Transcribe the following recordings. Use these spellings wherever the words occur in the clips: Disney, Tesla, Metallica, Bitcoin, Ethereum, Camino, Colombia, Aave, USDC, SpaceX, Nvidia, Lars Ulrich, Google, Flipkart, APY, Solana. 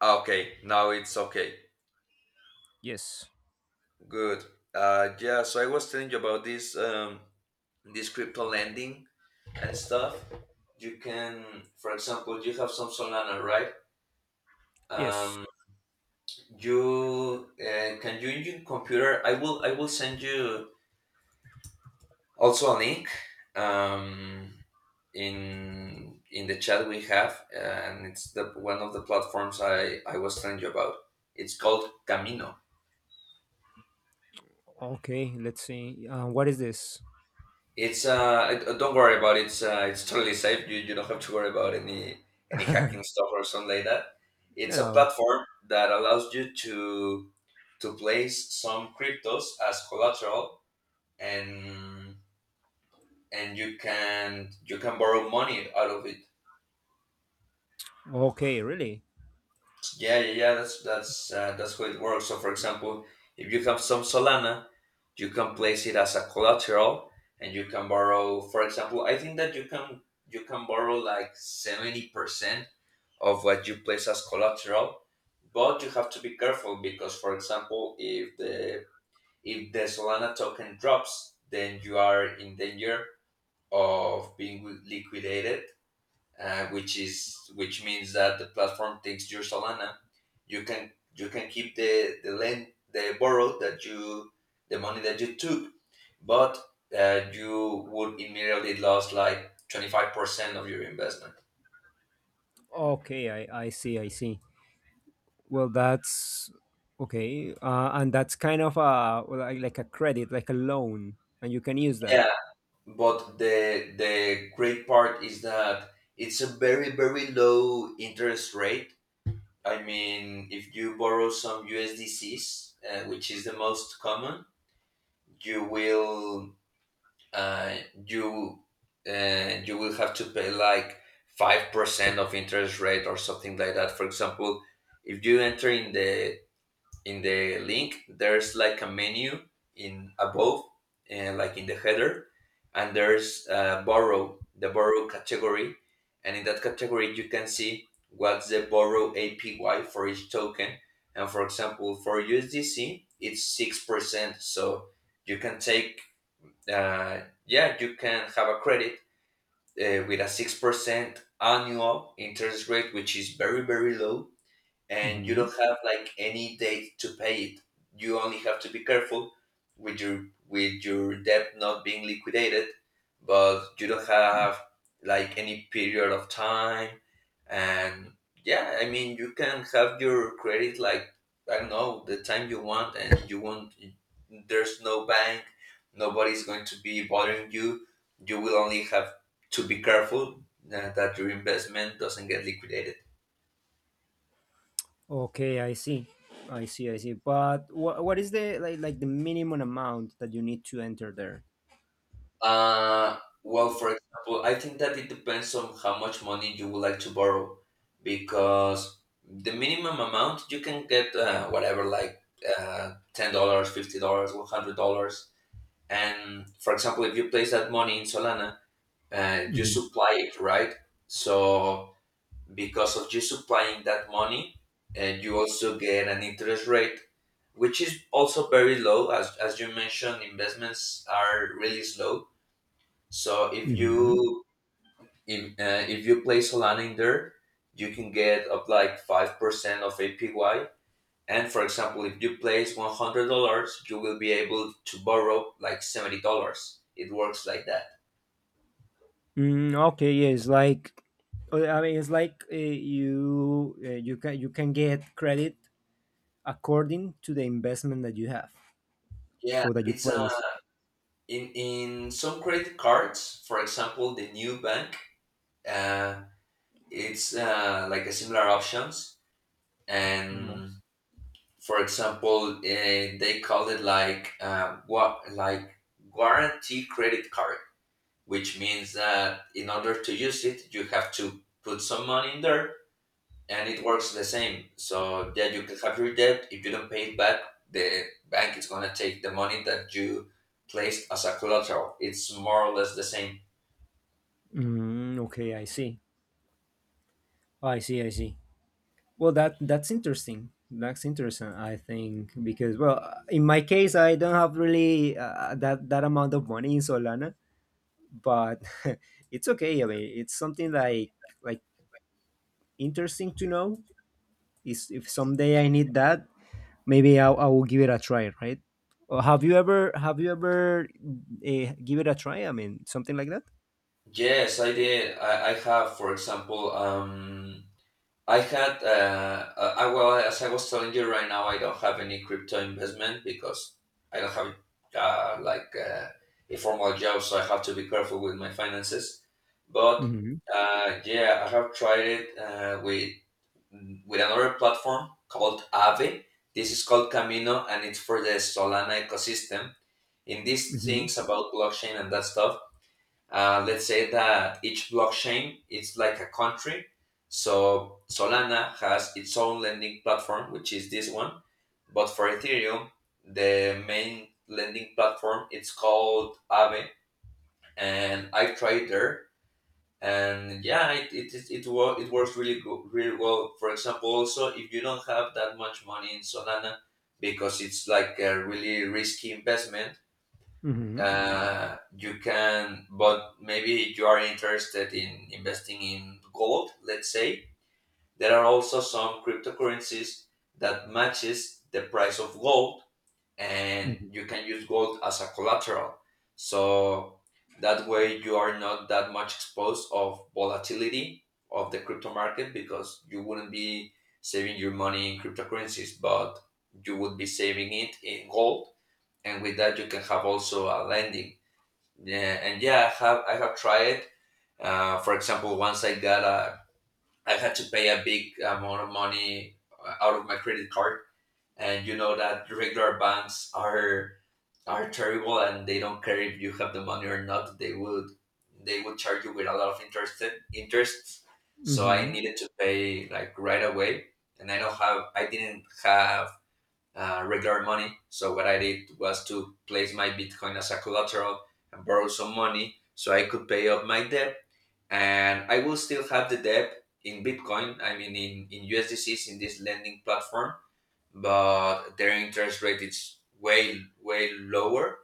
Okay, now it's okay. Yes. Good. Yeah. So I was telling you about this, this crypto lending and stuff. You can, for example, you have some Solana, right? Yes. Um, you can you use your computer. I will send you also a link, um, in the chat we have, and it's the one of the platforms I was telling you about. It's called Camino. Okay. Let's see. What is this? It's don't worry about it. It's totally safe. You don't have to worry about any No. hacking stuff or something like that. It's a No. platform that allows you to place some cryptos as collateral, and and you can borrow money out of it. Okay. Really? Yeah, yeah, yeah. That's how it works. So, for example, if you have some Solana, you can place it as a collateral, and you can borrow. For example, I think that you can borrow like 70% of what you place as collateral, but you have to be careful because, for example, if the Solana token drops, then you are in danger of being liquidated, which means that the platform takes your Solana. You can keep the money that you took, but you would immediately lose like 25% of your investment. Okay. I see. I see. Well, that's okay. And that's kind of a, well, like a credit, like a loan, and you can use that. Yeah, but the great part is that it's a very very low interest rate. I mean, if you borrow some USDCs, which is the most common, you will uh, you you will have to pay like 5% of interest rate or something like that. For example, if you enter in the link, there's like a menu in above, and like in the header, and there's borrow the borrow category, and in that category you can see what's the borrow APY for each token. And for example, for USDC, it's 6%. So you can take yeah, you can have a credit with a 6% annual interest rate, which is very, very low, and you Hmm. don't have like any date to pay it. You only have to be careful with your debt not being liquidated, but you don't have like any period of time. And yeah, I mean you can have your credit like I don't know the time you want, and you won't. There's no bank. Nobody's going to be bothering you. You will only have to be careful that your investment doesn't get liquidated. Okay. I see. I see. I see. But what is the, like, the minimum amount that you need to enter there? Well, for example, I think that it depends on how much money you would like to borrow because the minimum amount you can get whatever, like $10, dollars, $50, $100. And for example, if you place that money in Solana, you supply it, right? So because of you supplying that money, and you also get an interest rate, which is also very low. As you mentioned, investments are really slow, so if Mm-hmm. you if, uh, if you place Solana in there, you can get up like 5% of APY. And for example, if you place $100, you will be able to borrow like $70. It works like that. Mm, okay, yes, like, I mean, it's like, you can get credit according to the investment that you have Yeah, or that you it's place. In some credit cards, for example, the new bank, uh, it's like a similar options. Hmm. And for example, they call it like what like guarantee credit card, which means that in order to use it, you have to put some money in there, and it works the same. So, yeah, you can have your debt. If you don't pay it back, the bank is going to take the money that you placed as a collateral. It's more or less the same. Mm, okay, I see. Oh, I see. I see. Well, that's interesting. That's interesting. I think because, well, in my case, I don't have really that amount of money in Solana, but it's okay. I mean, it's something like, like interesting to know. Is, if someday I need that, maybe I will give it a try, right? Or, have you ever give it a try? I mean, something like that. Yes, I did. I have, for example, I had, well, as I was telling you right now, I don't have any crypto investment because I don't have uh, like uh, a formal job, so I have to be careful with my finances. But Mm-hmm. Yeah, I have tried it with another platform called Aave. This is called Camino, and it's for the Solana ecosystem. In these Mm-hmm. things about blockchain and that stuff, let's say that each blockchain is like a country. So Solana has its own lending platform, which is this one. But for Ethereum, the main lending platform it's called Aave, and I tried there, and yeah, it works really good, really well. For example, also if you don't have that much money in Solana, because it's like a really risky investment, Mm-hmm. You can, but maybe you are interested in investing in gold, let's say. There are also some cryptocurrencies that matches the price of gold, and you can use gold as a collateral, so that way you are not that much exposed of volatility of the crypto market, because you wouldn't be saving your money in cryptocurrencies, but you would be saving it in gold, and with that you can have also a lending. Yeah, and yeah, I have tried. It. For example, once I had to pay a big amount of money out of my credit card, and you know that regular banks are terrible, and they don't care if you have the money or not. They would charge you with a lot of interests. So I Mm-hmm. needed to pay like right away, and I didn't have regular money. So what I did was to place my Bitcoin as a collateral and borrow some money so I could pay up my debt. And I will still have the debt in Bitcoin, I mean in USDCs in this lending platform, but their interest rate is way, way lower.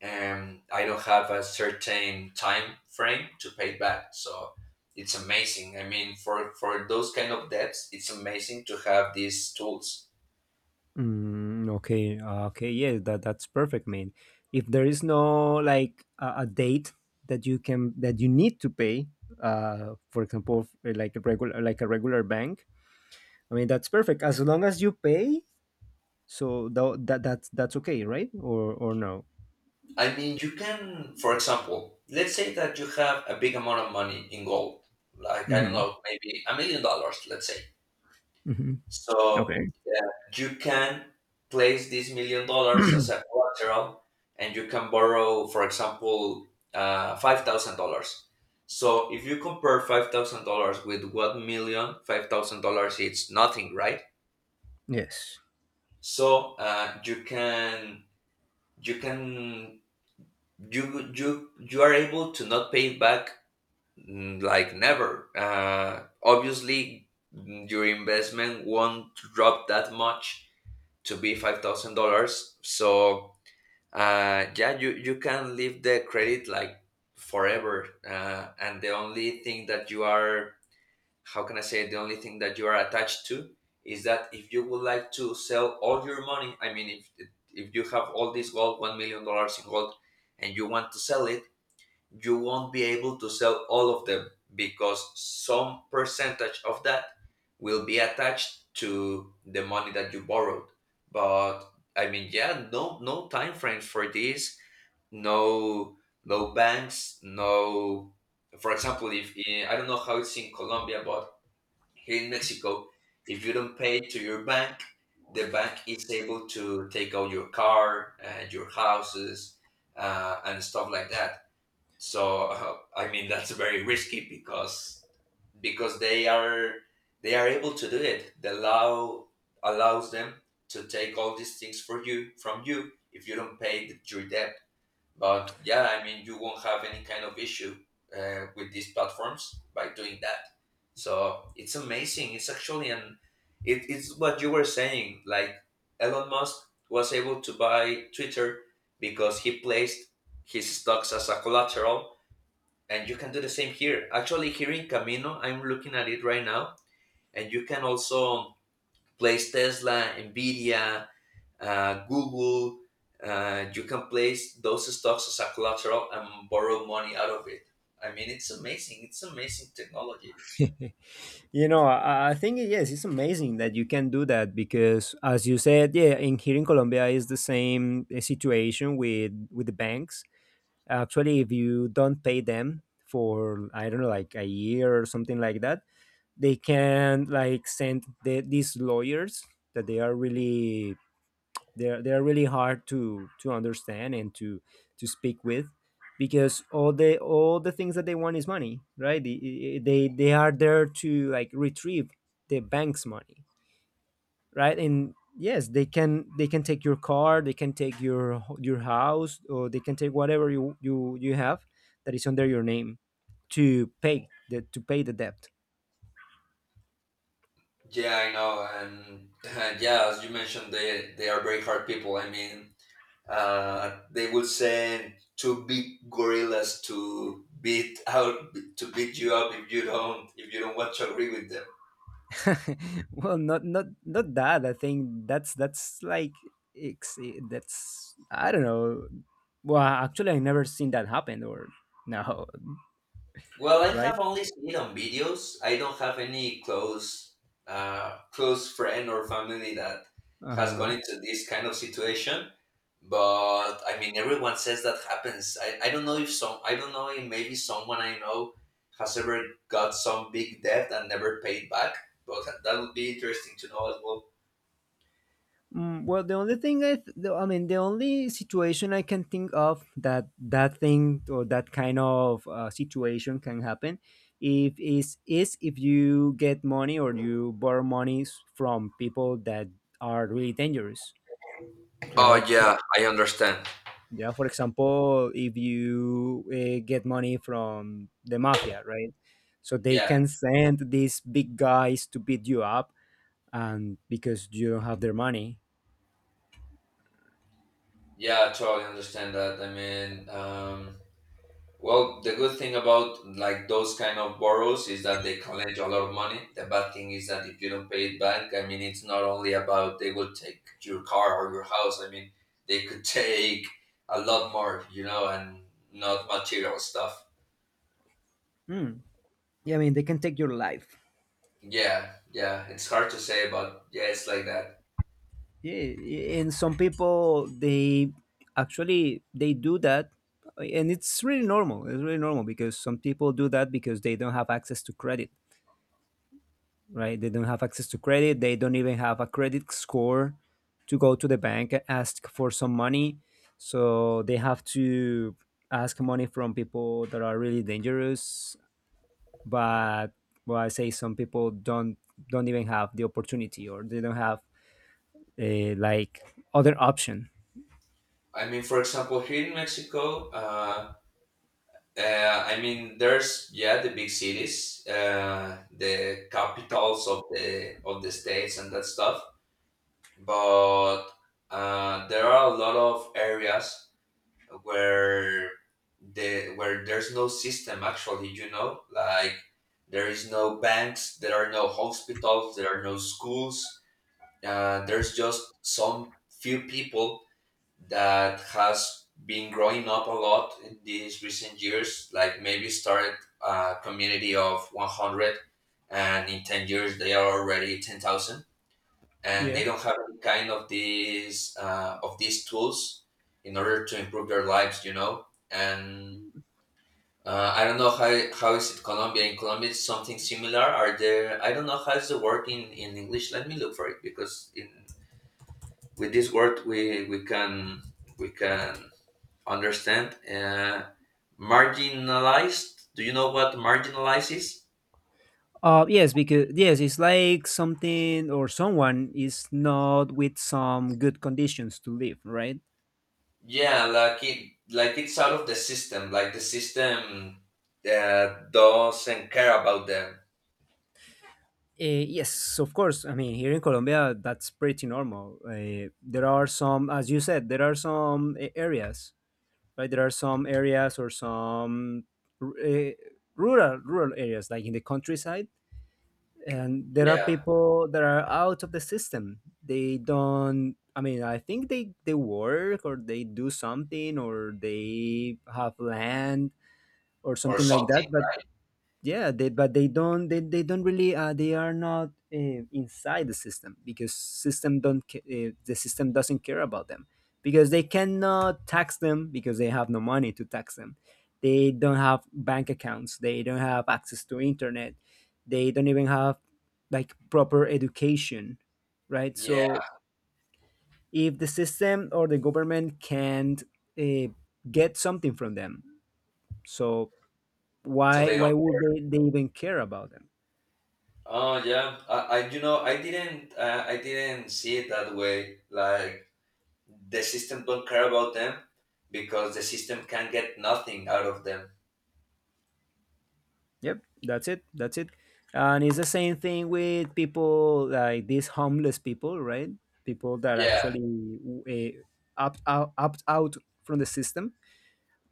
And I don't have a certain time frame to pay back. So it's amazing. I mean, for those kind of debts, it's amazing to have these tools. Mm, okay. Okay. Yeah. That's perfect, man. If there is no like a date that you can that you need to pay, for example, like a regular, like a regular bank. I mean, that's perfect as long as you pay. So, that's okay, right? Or no? I mean, you can, for example, let's say that you have a big amount of money in gold, like, I don't Mm-hmm. know, maybe $1 million, let's say. Mm-hmm. So Okay. yeah, you can place these $1 million as a collateral and you can borrow, for example, $5,000. So if you compare $5,000 with 1 million, $5,000 it's nothing, right? Yes. So you can you can you are able to not pay it back. Mm, like never. Obviously, your investment won't drop that much to be $5,000. So yeah, you can leave the credit like forever, and the only thing that you are, how can I say, the only thing that you are attached to is that if you would like to sell all your money, I mean, if you have all this gold, $1 million in gold, and you want to sell it, you won't be able to sell all of them because some percentage of that will be attached to the money that you borrowed. But I mean, yeah, no no time frames for this, no no banks, no. For example, if in, I don't know how it's in Colombia, but here in Mexico, if you don't pay to your bank, the bank is able to take out your car and your houses, and stuff like that. So I mean that's very risky, because because they are they are able to do it, the law allows them to take all these things for you from you if you don't pay your debt. But yeah, I mean, you won't have any kind of issue with these platforms by doing that. So it's amazing. It's actually an it, it's what you were saying, like Elon Musk was able to buy Twitter because he placed his stocks as a collateral, and you can do the same here. Actually, here in Camino, I'm looking at it right now, and you can also place Tesla, Nvidia, Google. You can place those stocks as a collateral and borrow money out of it. I mean, it's amazing. It's amazing technology. you know I think, yes, it's amazing that you can do that because, as you said, yeah, in here in colombia is the same situation with the banks. Actually, if you don't pay them for, I don't know, like a year or something like that, they can, like, send these lawyers that they're really hard to understand and to speak with, because all the things that they want is money, right? They are there to, like, retrieve the bank's money, right? And yes, they can take your car, they can take your house, or they can take whatever you have that is under your name to pay the debt. Yeah, I know, and yeah, as you mentioned, they are very hard people. I mean, they will send two big gorillas to beat you up if you don't want to agree with them. Well, not that. I think that's like that's, I don't know. Well, actually, I never seen that happen. Or no, Well, I right? have only seen it on videos. I don't have any close friend or family that Uh has gone huh. into this kind of situation. But I mean, everyone says that happens. I don't know if some I don't know if maybe someone I know has ever got some big debt and never paid back. But that would be interesting to know as well. Mm, well, the only thing I mean, the only situation I can think of, that thing or that kind of situation can happen, if is is if you get money, or you borrow monies from people that are really dangerous, Oh right? yeah, I understand. Yeah, for example, if you get money from the mafia, right? So they Yeah, can send these big guys to beat you up, and because you don't have their money. yeah, I totally understand that. Well, the good thing about like those kind of borrows is that they collect a lot of money. The bad thing is that if you don't pay it back, I mean, it's not only about they will take your car or your house. I mean, they could take a lot more, you know, and not material stuff. Hmm. Yeah, I mean, they can take your life. Yeah, yeah, it's hard to say, but yeah, it's like that. Yeah, and some people, they actually they do that, and it's really normal. It's really normal because some people do that because they don't have access to credit, right? They don't have access to credit. They don't even have a credit score to go to the bank and ask for some money. So they have to ask money from people that are really dangerous. But, well, I say some people don't, even have the opportunity, or they don't have a, like, other option. I mean, for example, here in Mexico, I mean, there's yeah the big cities, the capitals of the states and that stuff. But there are a lot of areas where the where there's no system actually. You know, like there is no banks, there are no hospitals, there are no schools. There's just some few people that has been growing up a lot in these recent years. Like maybe started a community of 100, and in 10 years they are already 10,000, and they Yeah. don't have any kind of these of these tools in order to improve their lives, you know. And I don't know how is it Colombia. In Colombia, it's something similar. Are there? I don't know how's the word in English. Let me look for it because in with this word we can we can understand. Marginalized. Do you know what marginalized is? Yes, because, yes, it's like something or someone is not with some good conditions to live, right? Yeah, like it, like it's out of the system. Like the system doesn't care about them. Yes, of course. I mean, here in Colombia, that's pretty normal. There are some, as you said, there are some areas, right? There are some areas or some uh, rural areas, like in the countryside, and there are Yeah, people that are out of the system. They don't. I mean, I think they work, or they do something, or they have land or or something like that, something, but, right? yeah, but they don't really, they are not, inside the system, because system don't ca- the system doesn't care about them, because they cannot tax them, because they have no money to tax them. They don't have bank accounts. They don't have access to internet. They don't even have, like, proper education, right? Yeah, So, if the system or the government can't uh, get something from them, so so why they why don't. would they even care about them. Oh yeah, I you know I didn't see it that way. Like the system don't care about them because the system can get nothing out of them. Yep, that's it. That's it. And it's the same thing with people like these homeless people, right? People that Yeah. actually opt out from the system.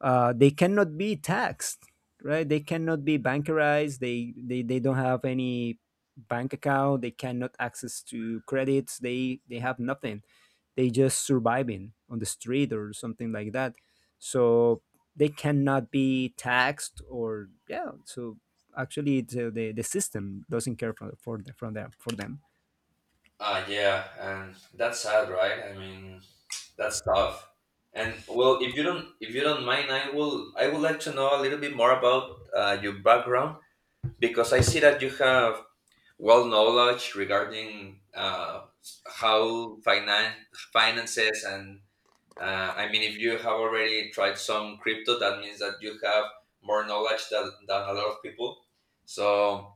They cannot be taxed, right? They cannot be bankerized. They don't have any bank account. They cannot access to credits. They have nothing. They just surviving on the street or something like that, so they cannot be taxed, or yeah. So, actually the system doesn't care for them. Ah yeah, and that's sad, right? I mean. That's tough. And well, if you don't mind, I would like to know a little bit more about your background because I see that you have well knowledge regarding how finances and I mean if you have already tried some crypto, that means that you have more knowledge than a lot of people. So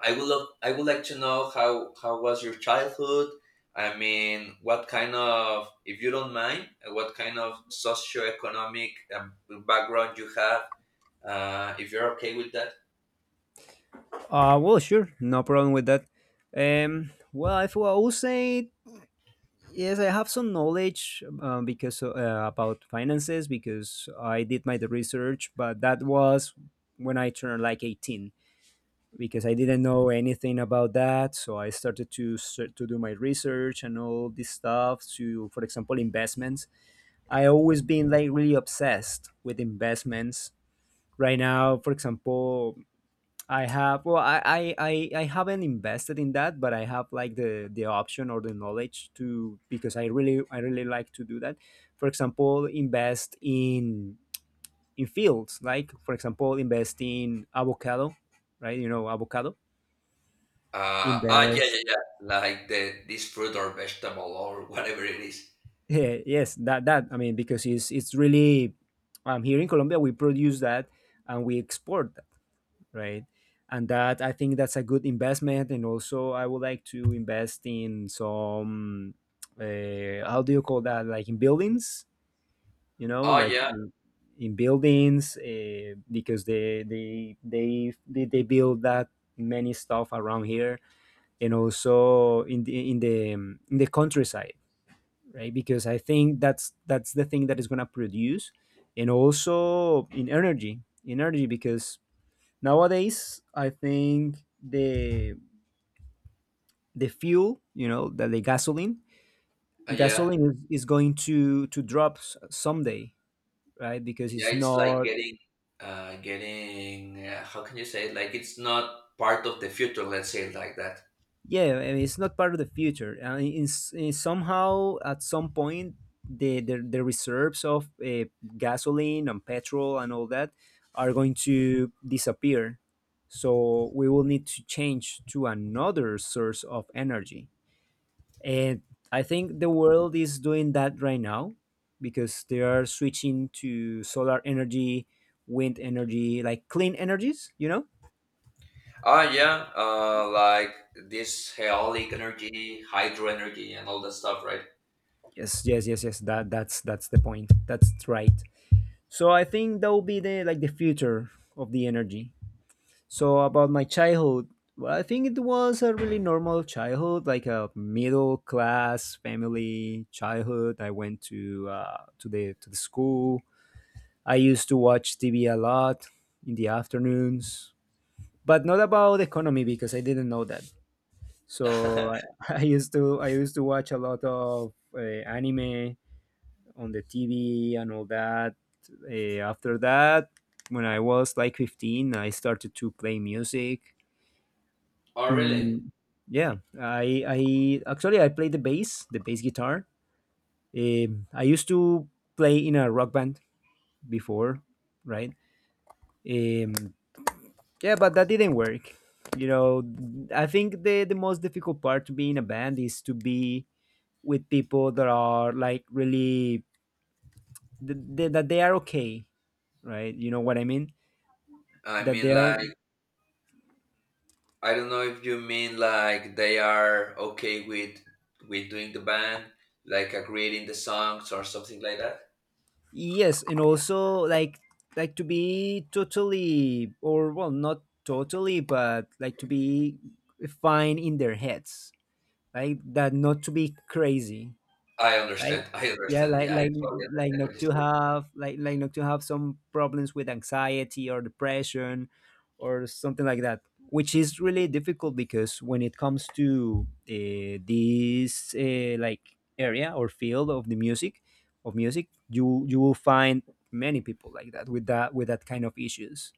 I would like to know how was your childhood. I mean, what kind of, if you don't mind, what kind of socioeconomic background you have, if you're okay with that. Well, sure, no problem with that. Well, if well, I will say, yes, I have some knowledge, because about finances, because I did my the research, but that was when I turned like 18, because I didn't know anything about that. So I started to do my research and all this stuff. To, for example, investments. I always been like really obsessed with investments. Right now, for example, I have well, I haven't invested in that, but I have like the option or the knowledge to, because I really like to do that. For example, invest in, fields like, for example, invest in avocado, right? You know, avocado. Ah, yeah, Invest. yeah, yeah. Like the this fruit or vegetable or whatever it is. Yeah, yes, that, I mean, because it's really, here in Colombia we produce that, and we export that, right? And that, I think, that's a good investment. And also I would like to invest in some, how do you call that? Like in buildings, you know, Oh like yeah, in buildings, because they build that many stuff around here, and also in the countryside, right? Because I think that's, the thing that is going to produce. And also in energy, in energy, because, nowadays, I think the fuel, the gasoline, yeah, is going to drop someday, right? Because yeah. it's It's like not. getting, getting. How can you say it? Like it's not part of the future. Let's say it like that. Yeah, I mean, it's not part of the future. I mean, in somehow, at some point, the reserves of gasoline and petrol and all that are going to disappear. So we will need to change to another source of energy. And I think the world is doing that right now, because they are switching to solar energy, wind energy, like clean energies, you know? Ah, yeah, like this haolic energy, hydro energy, and all that stuff, right? Yes, yes, yes, yes. That's the point. That's right. So I think that will be the future of the energy. So, about my childhood, well, I think it was a really normal childhood, like a middle class family childhood. I went to the school. I used to watch TV a lot in the afternoons, but not about economy because I didn't know that. So I, I used to watch a lot of anime on the TV and all that. After that, when I was like 15, I started to play music. Oh, really? Mm, yeah, I actually I played the bass guitar. I used to play in a rock band before, right? Um, yeah, but that didn't work. You know, I think the most difficult part to be in a band is to be with people that are like really that they are okay, right? You know what I mean? I That mean, they are. like, I don't know if you mean like they are okay with doing the band, like creating the songs or something like that. Yes, and also, like, to be totally, or, well, not totally, but, like, to be fine in their heads, like that, not to be crazy, I right? understand. I Yeah, understand. like Yeah, I like totally like understand what not you to say. have, like, not to have some problems with anxiety or depression or something like that, which is really difficult because when it comes to this, like, area or field of the music, you will find many people like that, with that kind of issues.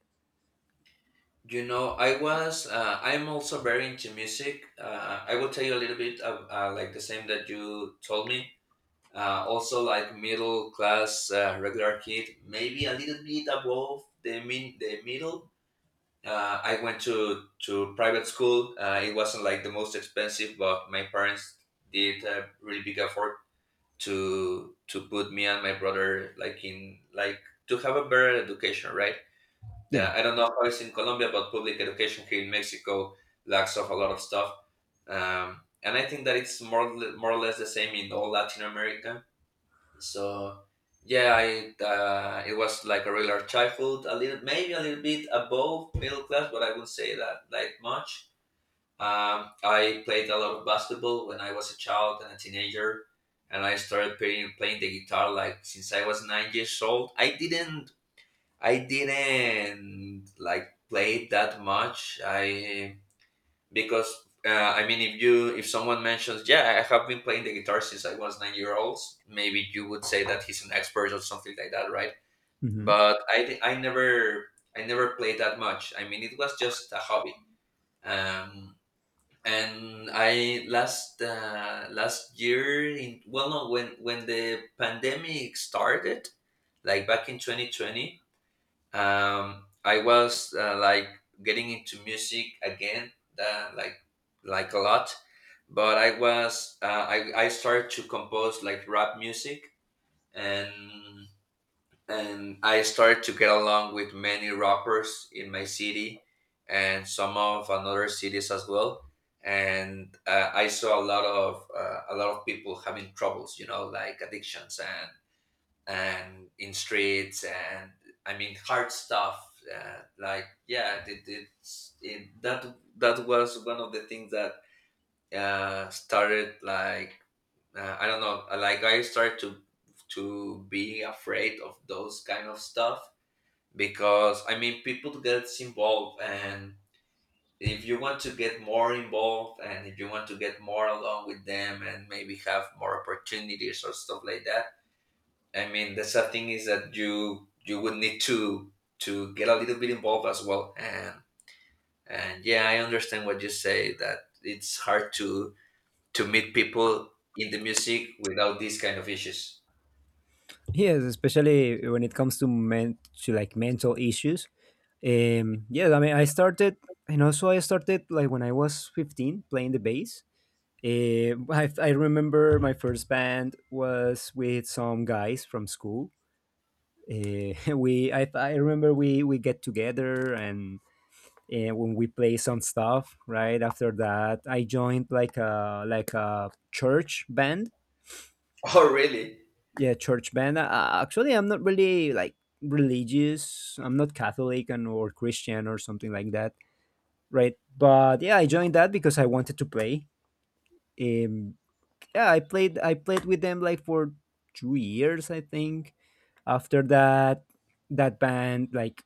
You know, I was. I'm also very into music. I will tell you a little bit of like the same that you told me. Uh, also like middle class regular kid, maybe a little bit above the middle. I went to private school. It wasn't like the most expensive, but my parents did a really big effort to put me and my brother like to have a better education, right? Yeah. I don't know how it's in Colombia, but public education here in Mexico lacks of a lot of stuff. And I think that it's more, more or less the same in all Latin America so yeah, I it was like a regular childhood, a little maybe a little bit above middle class, but I wouldn't say that like much. I played a lot of basketball when I was a child and a teenager, and I started playing the guitar like since I was 9 years old. I didn't like play it that much. I because I mean, if you if someone mentions, yeah, I have been playing the guitar since I was 9 year old, maybe you would say that he's an expert or something like that, right? Hmm. But I never played that much. I mean, it was just a hobby. Um, and I last last year in well no when when the pandemic started, like back in 2020, I was like getting into music again uh, like like a lot but I was I started to compose like rap music and and I started to get along with many rappers in my city and some of another cities as well and I saw a lot of people having troubles you know like addictions and in streets and I mean hard stuff. Like yeah, it, it's it, that that was one of the things that started like I don't know, like I started to be afraid of those kind of stuff because I mean people gets involved and if you want to get more involved and if you want to get more along with them and maybe have more opportunities or stuff like that I mean, the sad thing is that you would need to get a little bit involved as well. And yeah, I understand what you say that it's hard to meet people in the music without these kind of issues. Yes, especially when it comes to men, to, like, mental issues. Yeah, I mean, I started, and also I started like when I was 15 playing the bass. I remember my first band was with some guys from school. I remember we get together, and when we play some stuff. Right after that, I joined like a, church band. Oh, really? Yeah, church band. Actually, I'm not really, like, religious. I'm not Catholic, and or Christian, or something like that, right? But, yeah, I joined that because I wanted to play. Um, yeah, I played with them like for 2 years, I think. After that, that band, like,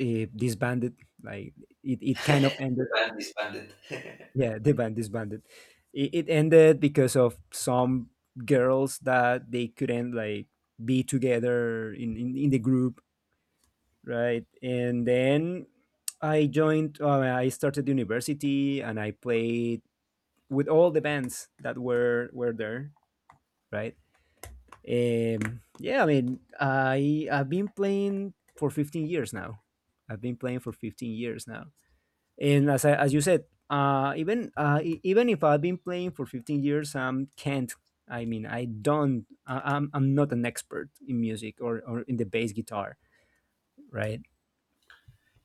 disbanded. Like, it kind of ended. The band disbanded. Yeah, the band disbanded. It ended because of some girls that they couldn't, like, be together in the group, right? And then I joined. I started university and I played with all the bands that were there, right? Yeah, I mean, I've been playing for 15 years now. I've been playing for 15 years now, and, as you said, even if I've been playing for 15 years, can't. I mean, I don't. I'm not an expert in music, or in the bass guitar, right?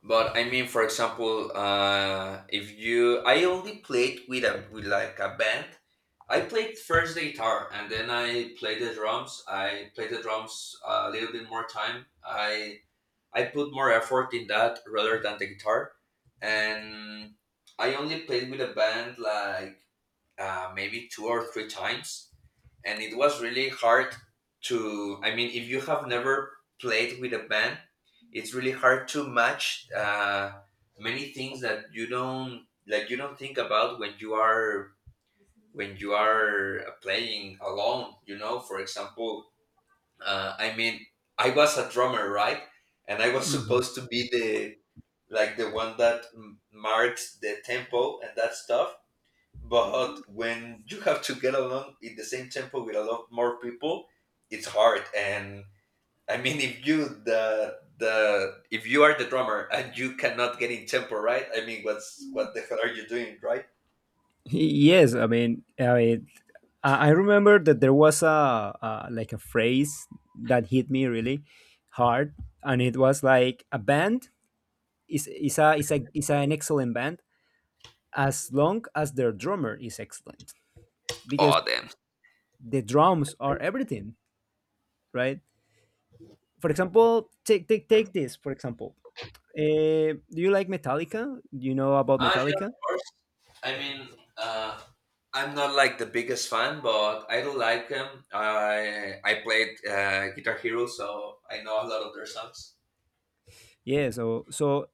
But I mean, for example, if you, I only played with a with like a band. I played first the guitar and then I played the drums. I played the drums a little bit more time. I put more effort in that rather than the guitar. And I only played with a band like maybe two or three times. And it was really hard to, I mean, if you have never played with a band, it's really hard to match many things that you don't you don't think about when you are playing alone you know for example I mean I was a drummer right and I was supposed to be the like the one that marks the tempo and that stuff. But when you have to get along in the same tempo with a lot more people, it's hard. And I mean, if you the if you are the drummer and you cannot get in tempo, right? I mean, what the hell are you doing, right? Yes, I mean, I remember that there was a like a phrase that hit me really hard, and it was like a band is an excellent band as long as their drummer is excellent, because Oh damn. the drums are everything, right? For example, take this for example. Do you like Metallica? Do you know about Ah, yeah, of Metallica? course. I mean, uh, I'm not like the biggest fan, but I do like them. I played Guitar Hero, so I know a lot of their songs. Yeah, so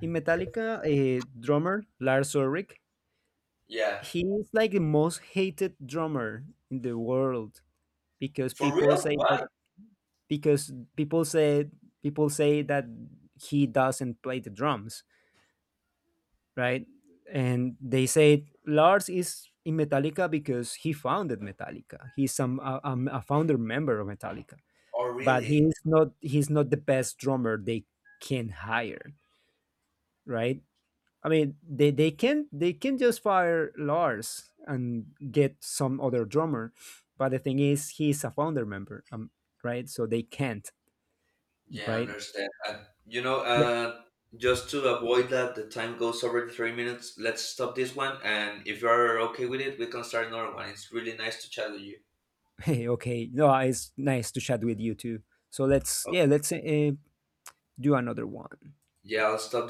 in Metallica, a drummer, Lars Ulrich. Yeah, He is like the most hated drummer in the world, because for people real? say that. Why? Because people say that he doesn't play the drums, right. And they say Lars is in Metallica because he founded Metallica. He's a founder member of Metallica, Oh, but really? he's not the best drummer they can hire, right? I mean, they can just fire Lars and get some other drummer, but the thing is, he's a founder member, right? So they can't, Yeah, I right? understand. You know, Yeah. Just to avoid that the time goes over the 3 minutes, let's stop this one. And if you're okay with it, we can start another one. It's really nice to chat with you. Hey, okay. No, it's nice to chat with you too. So let's Okay. yeah, let's do another one. Yeah, I'll stop.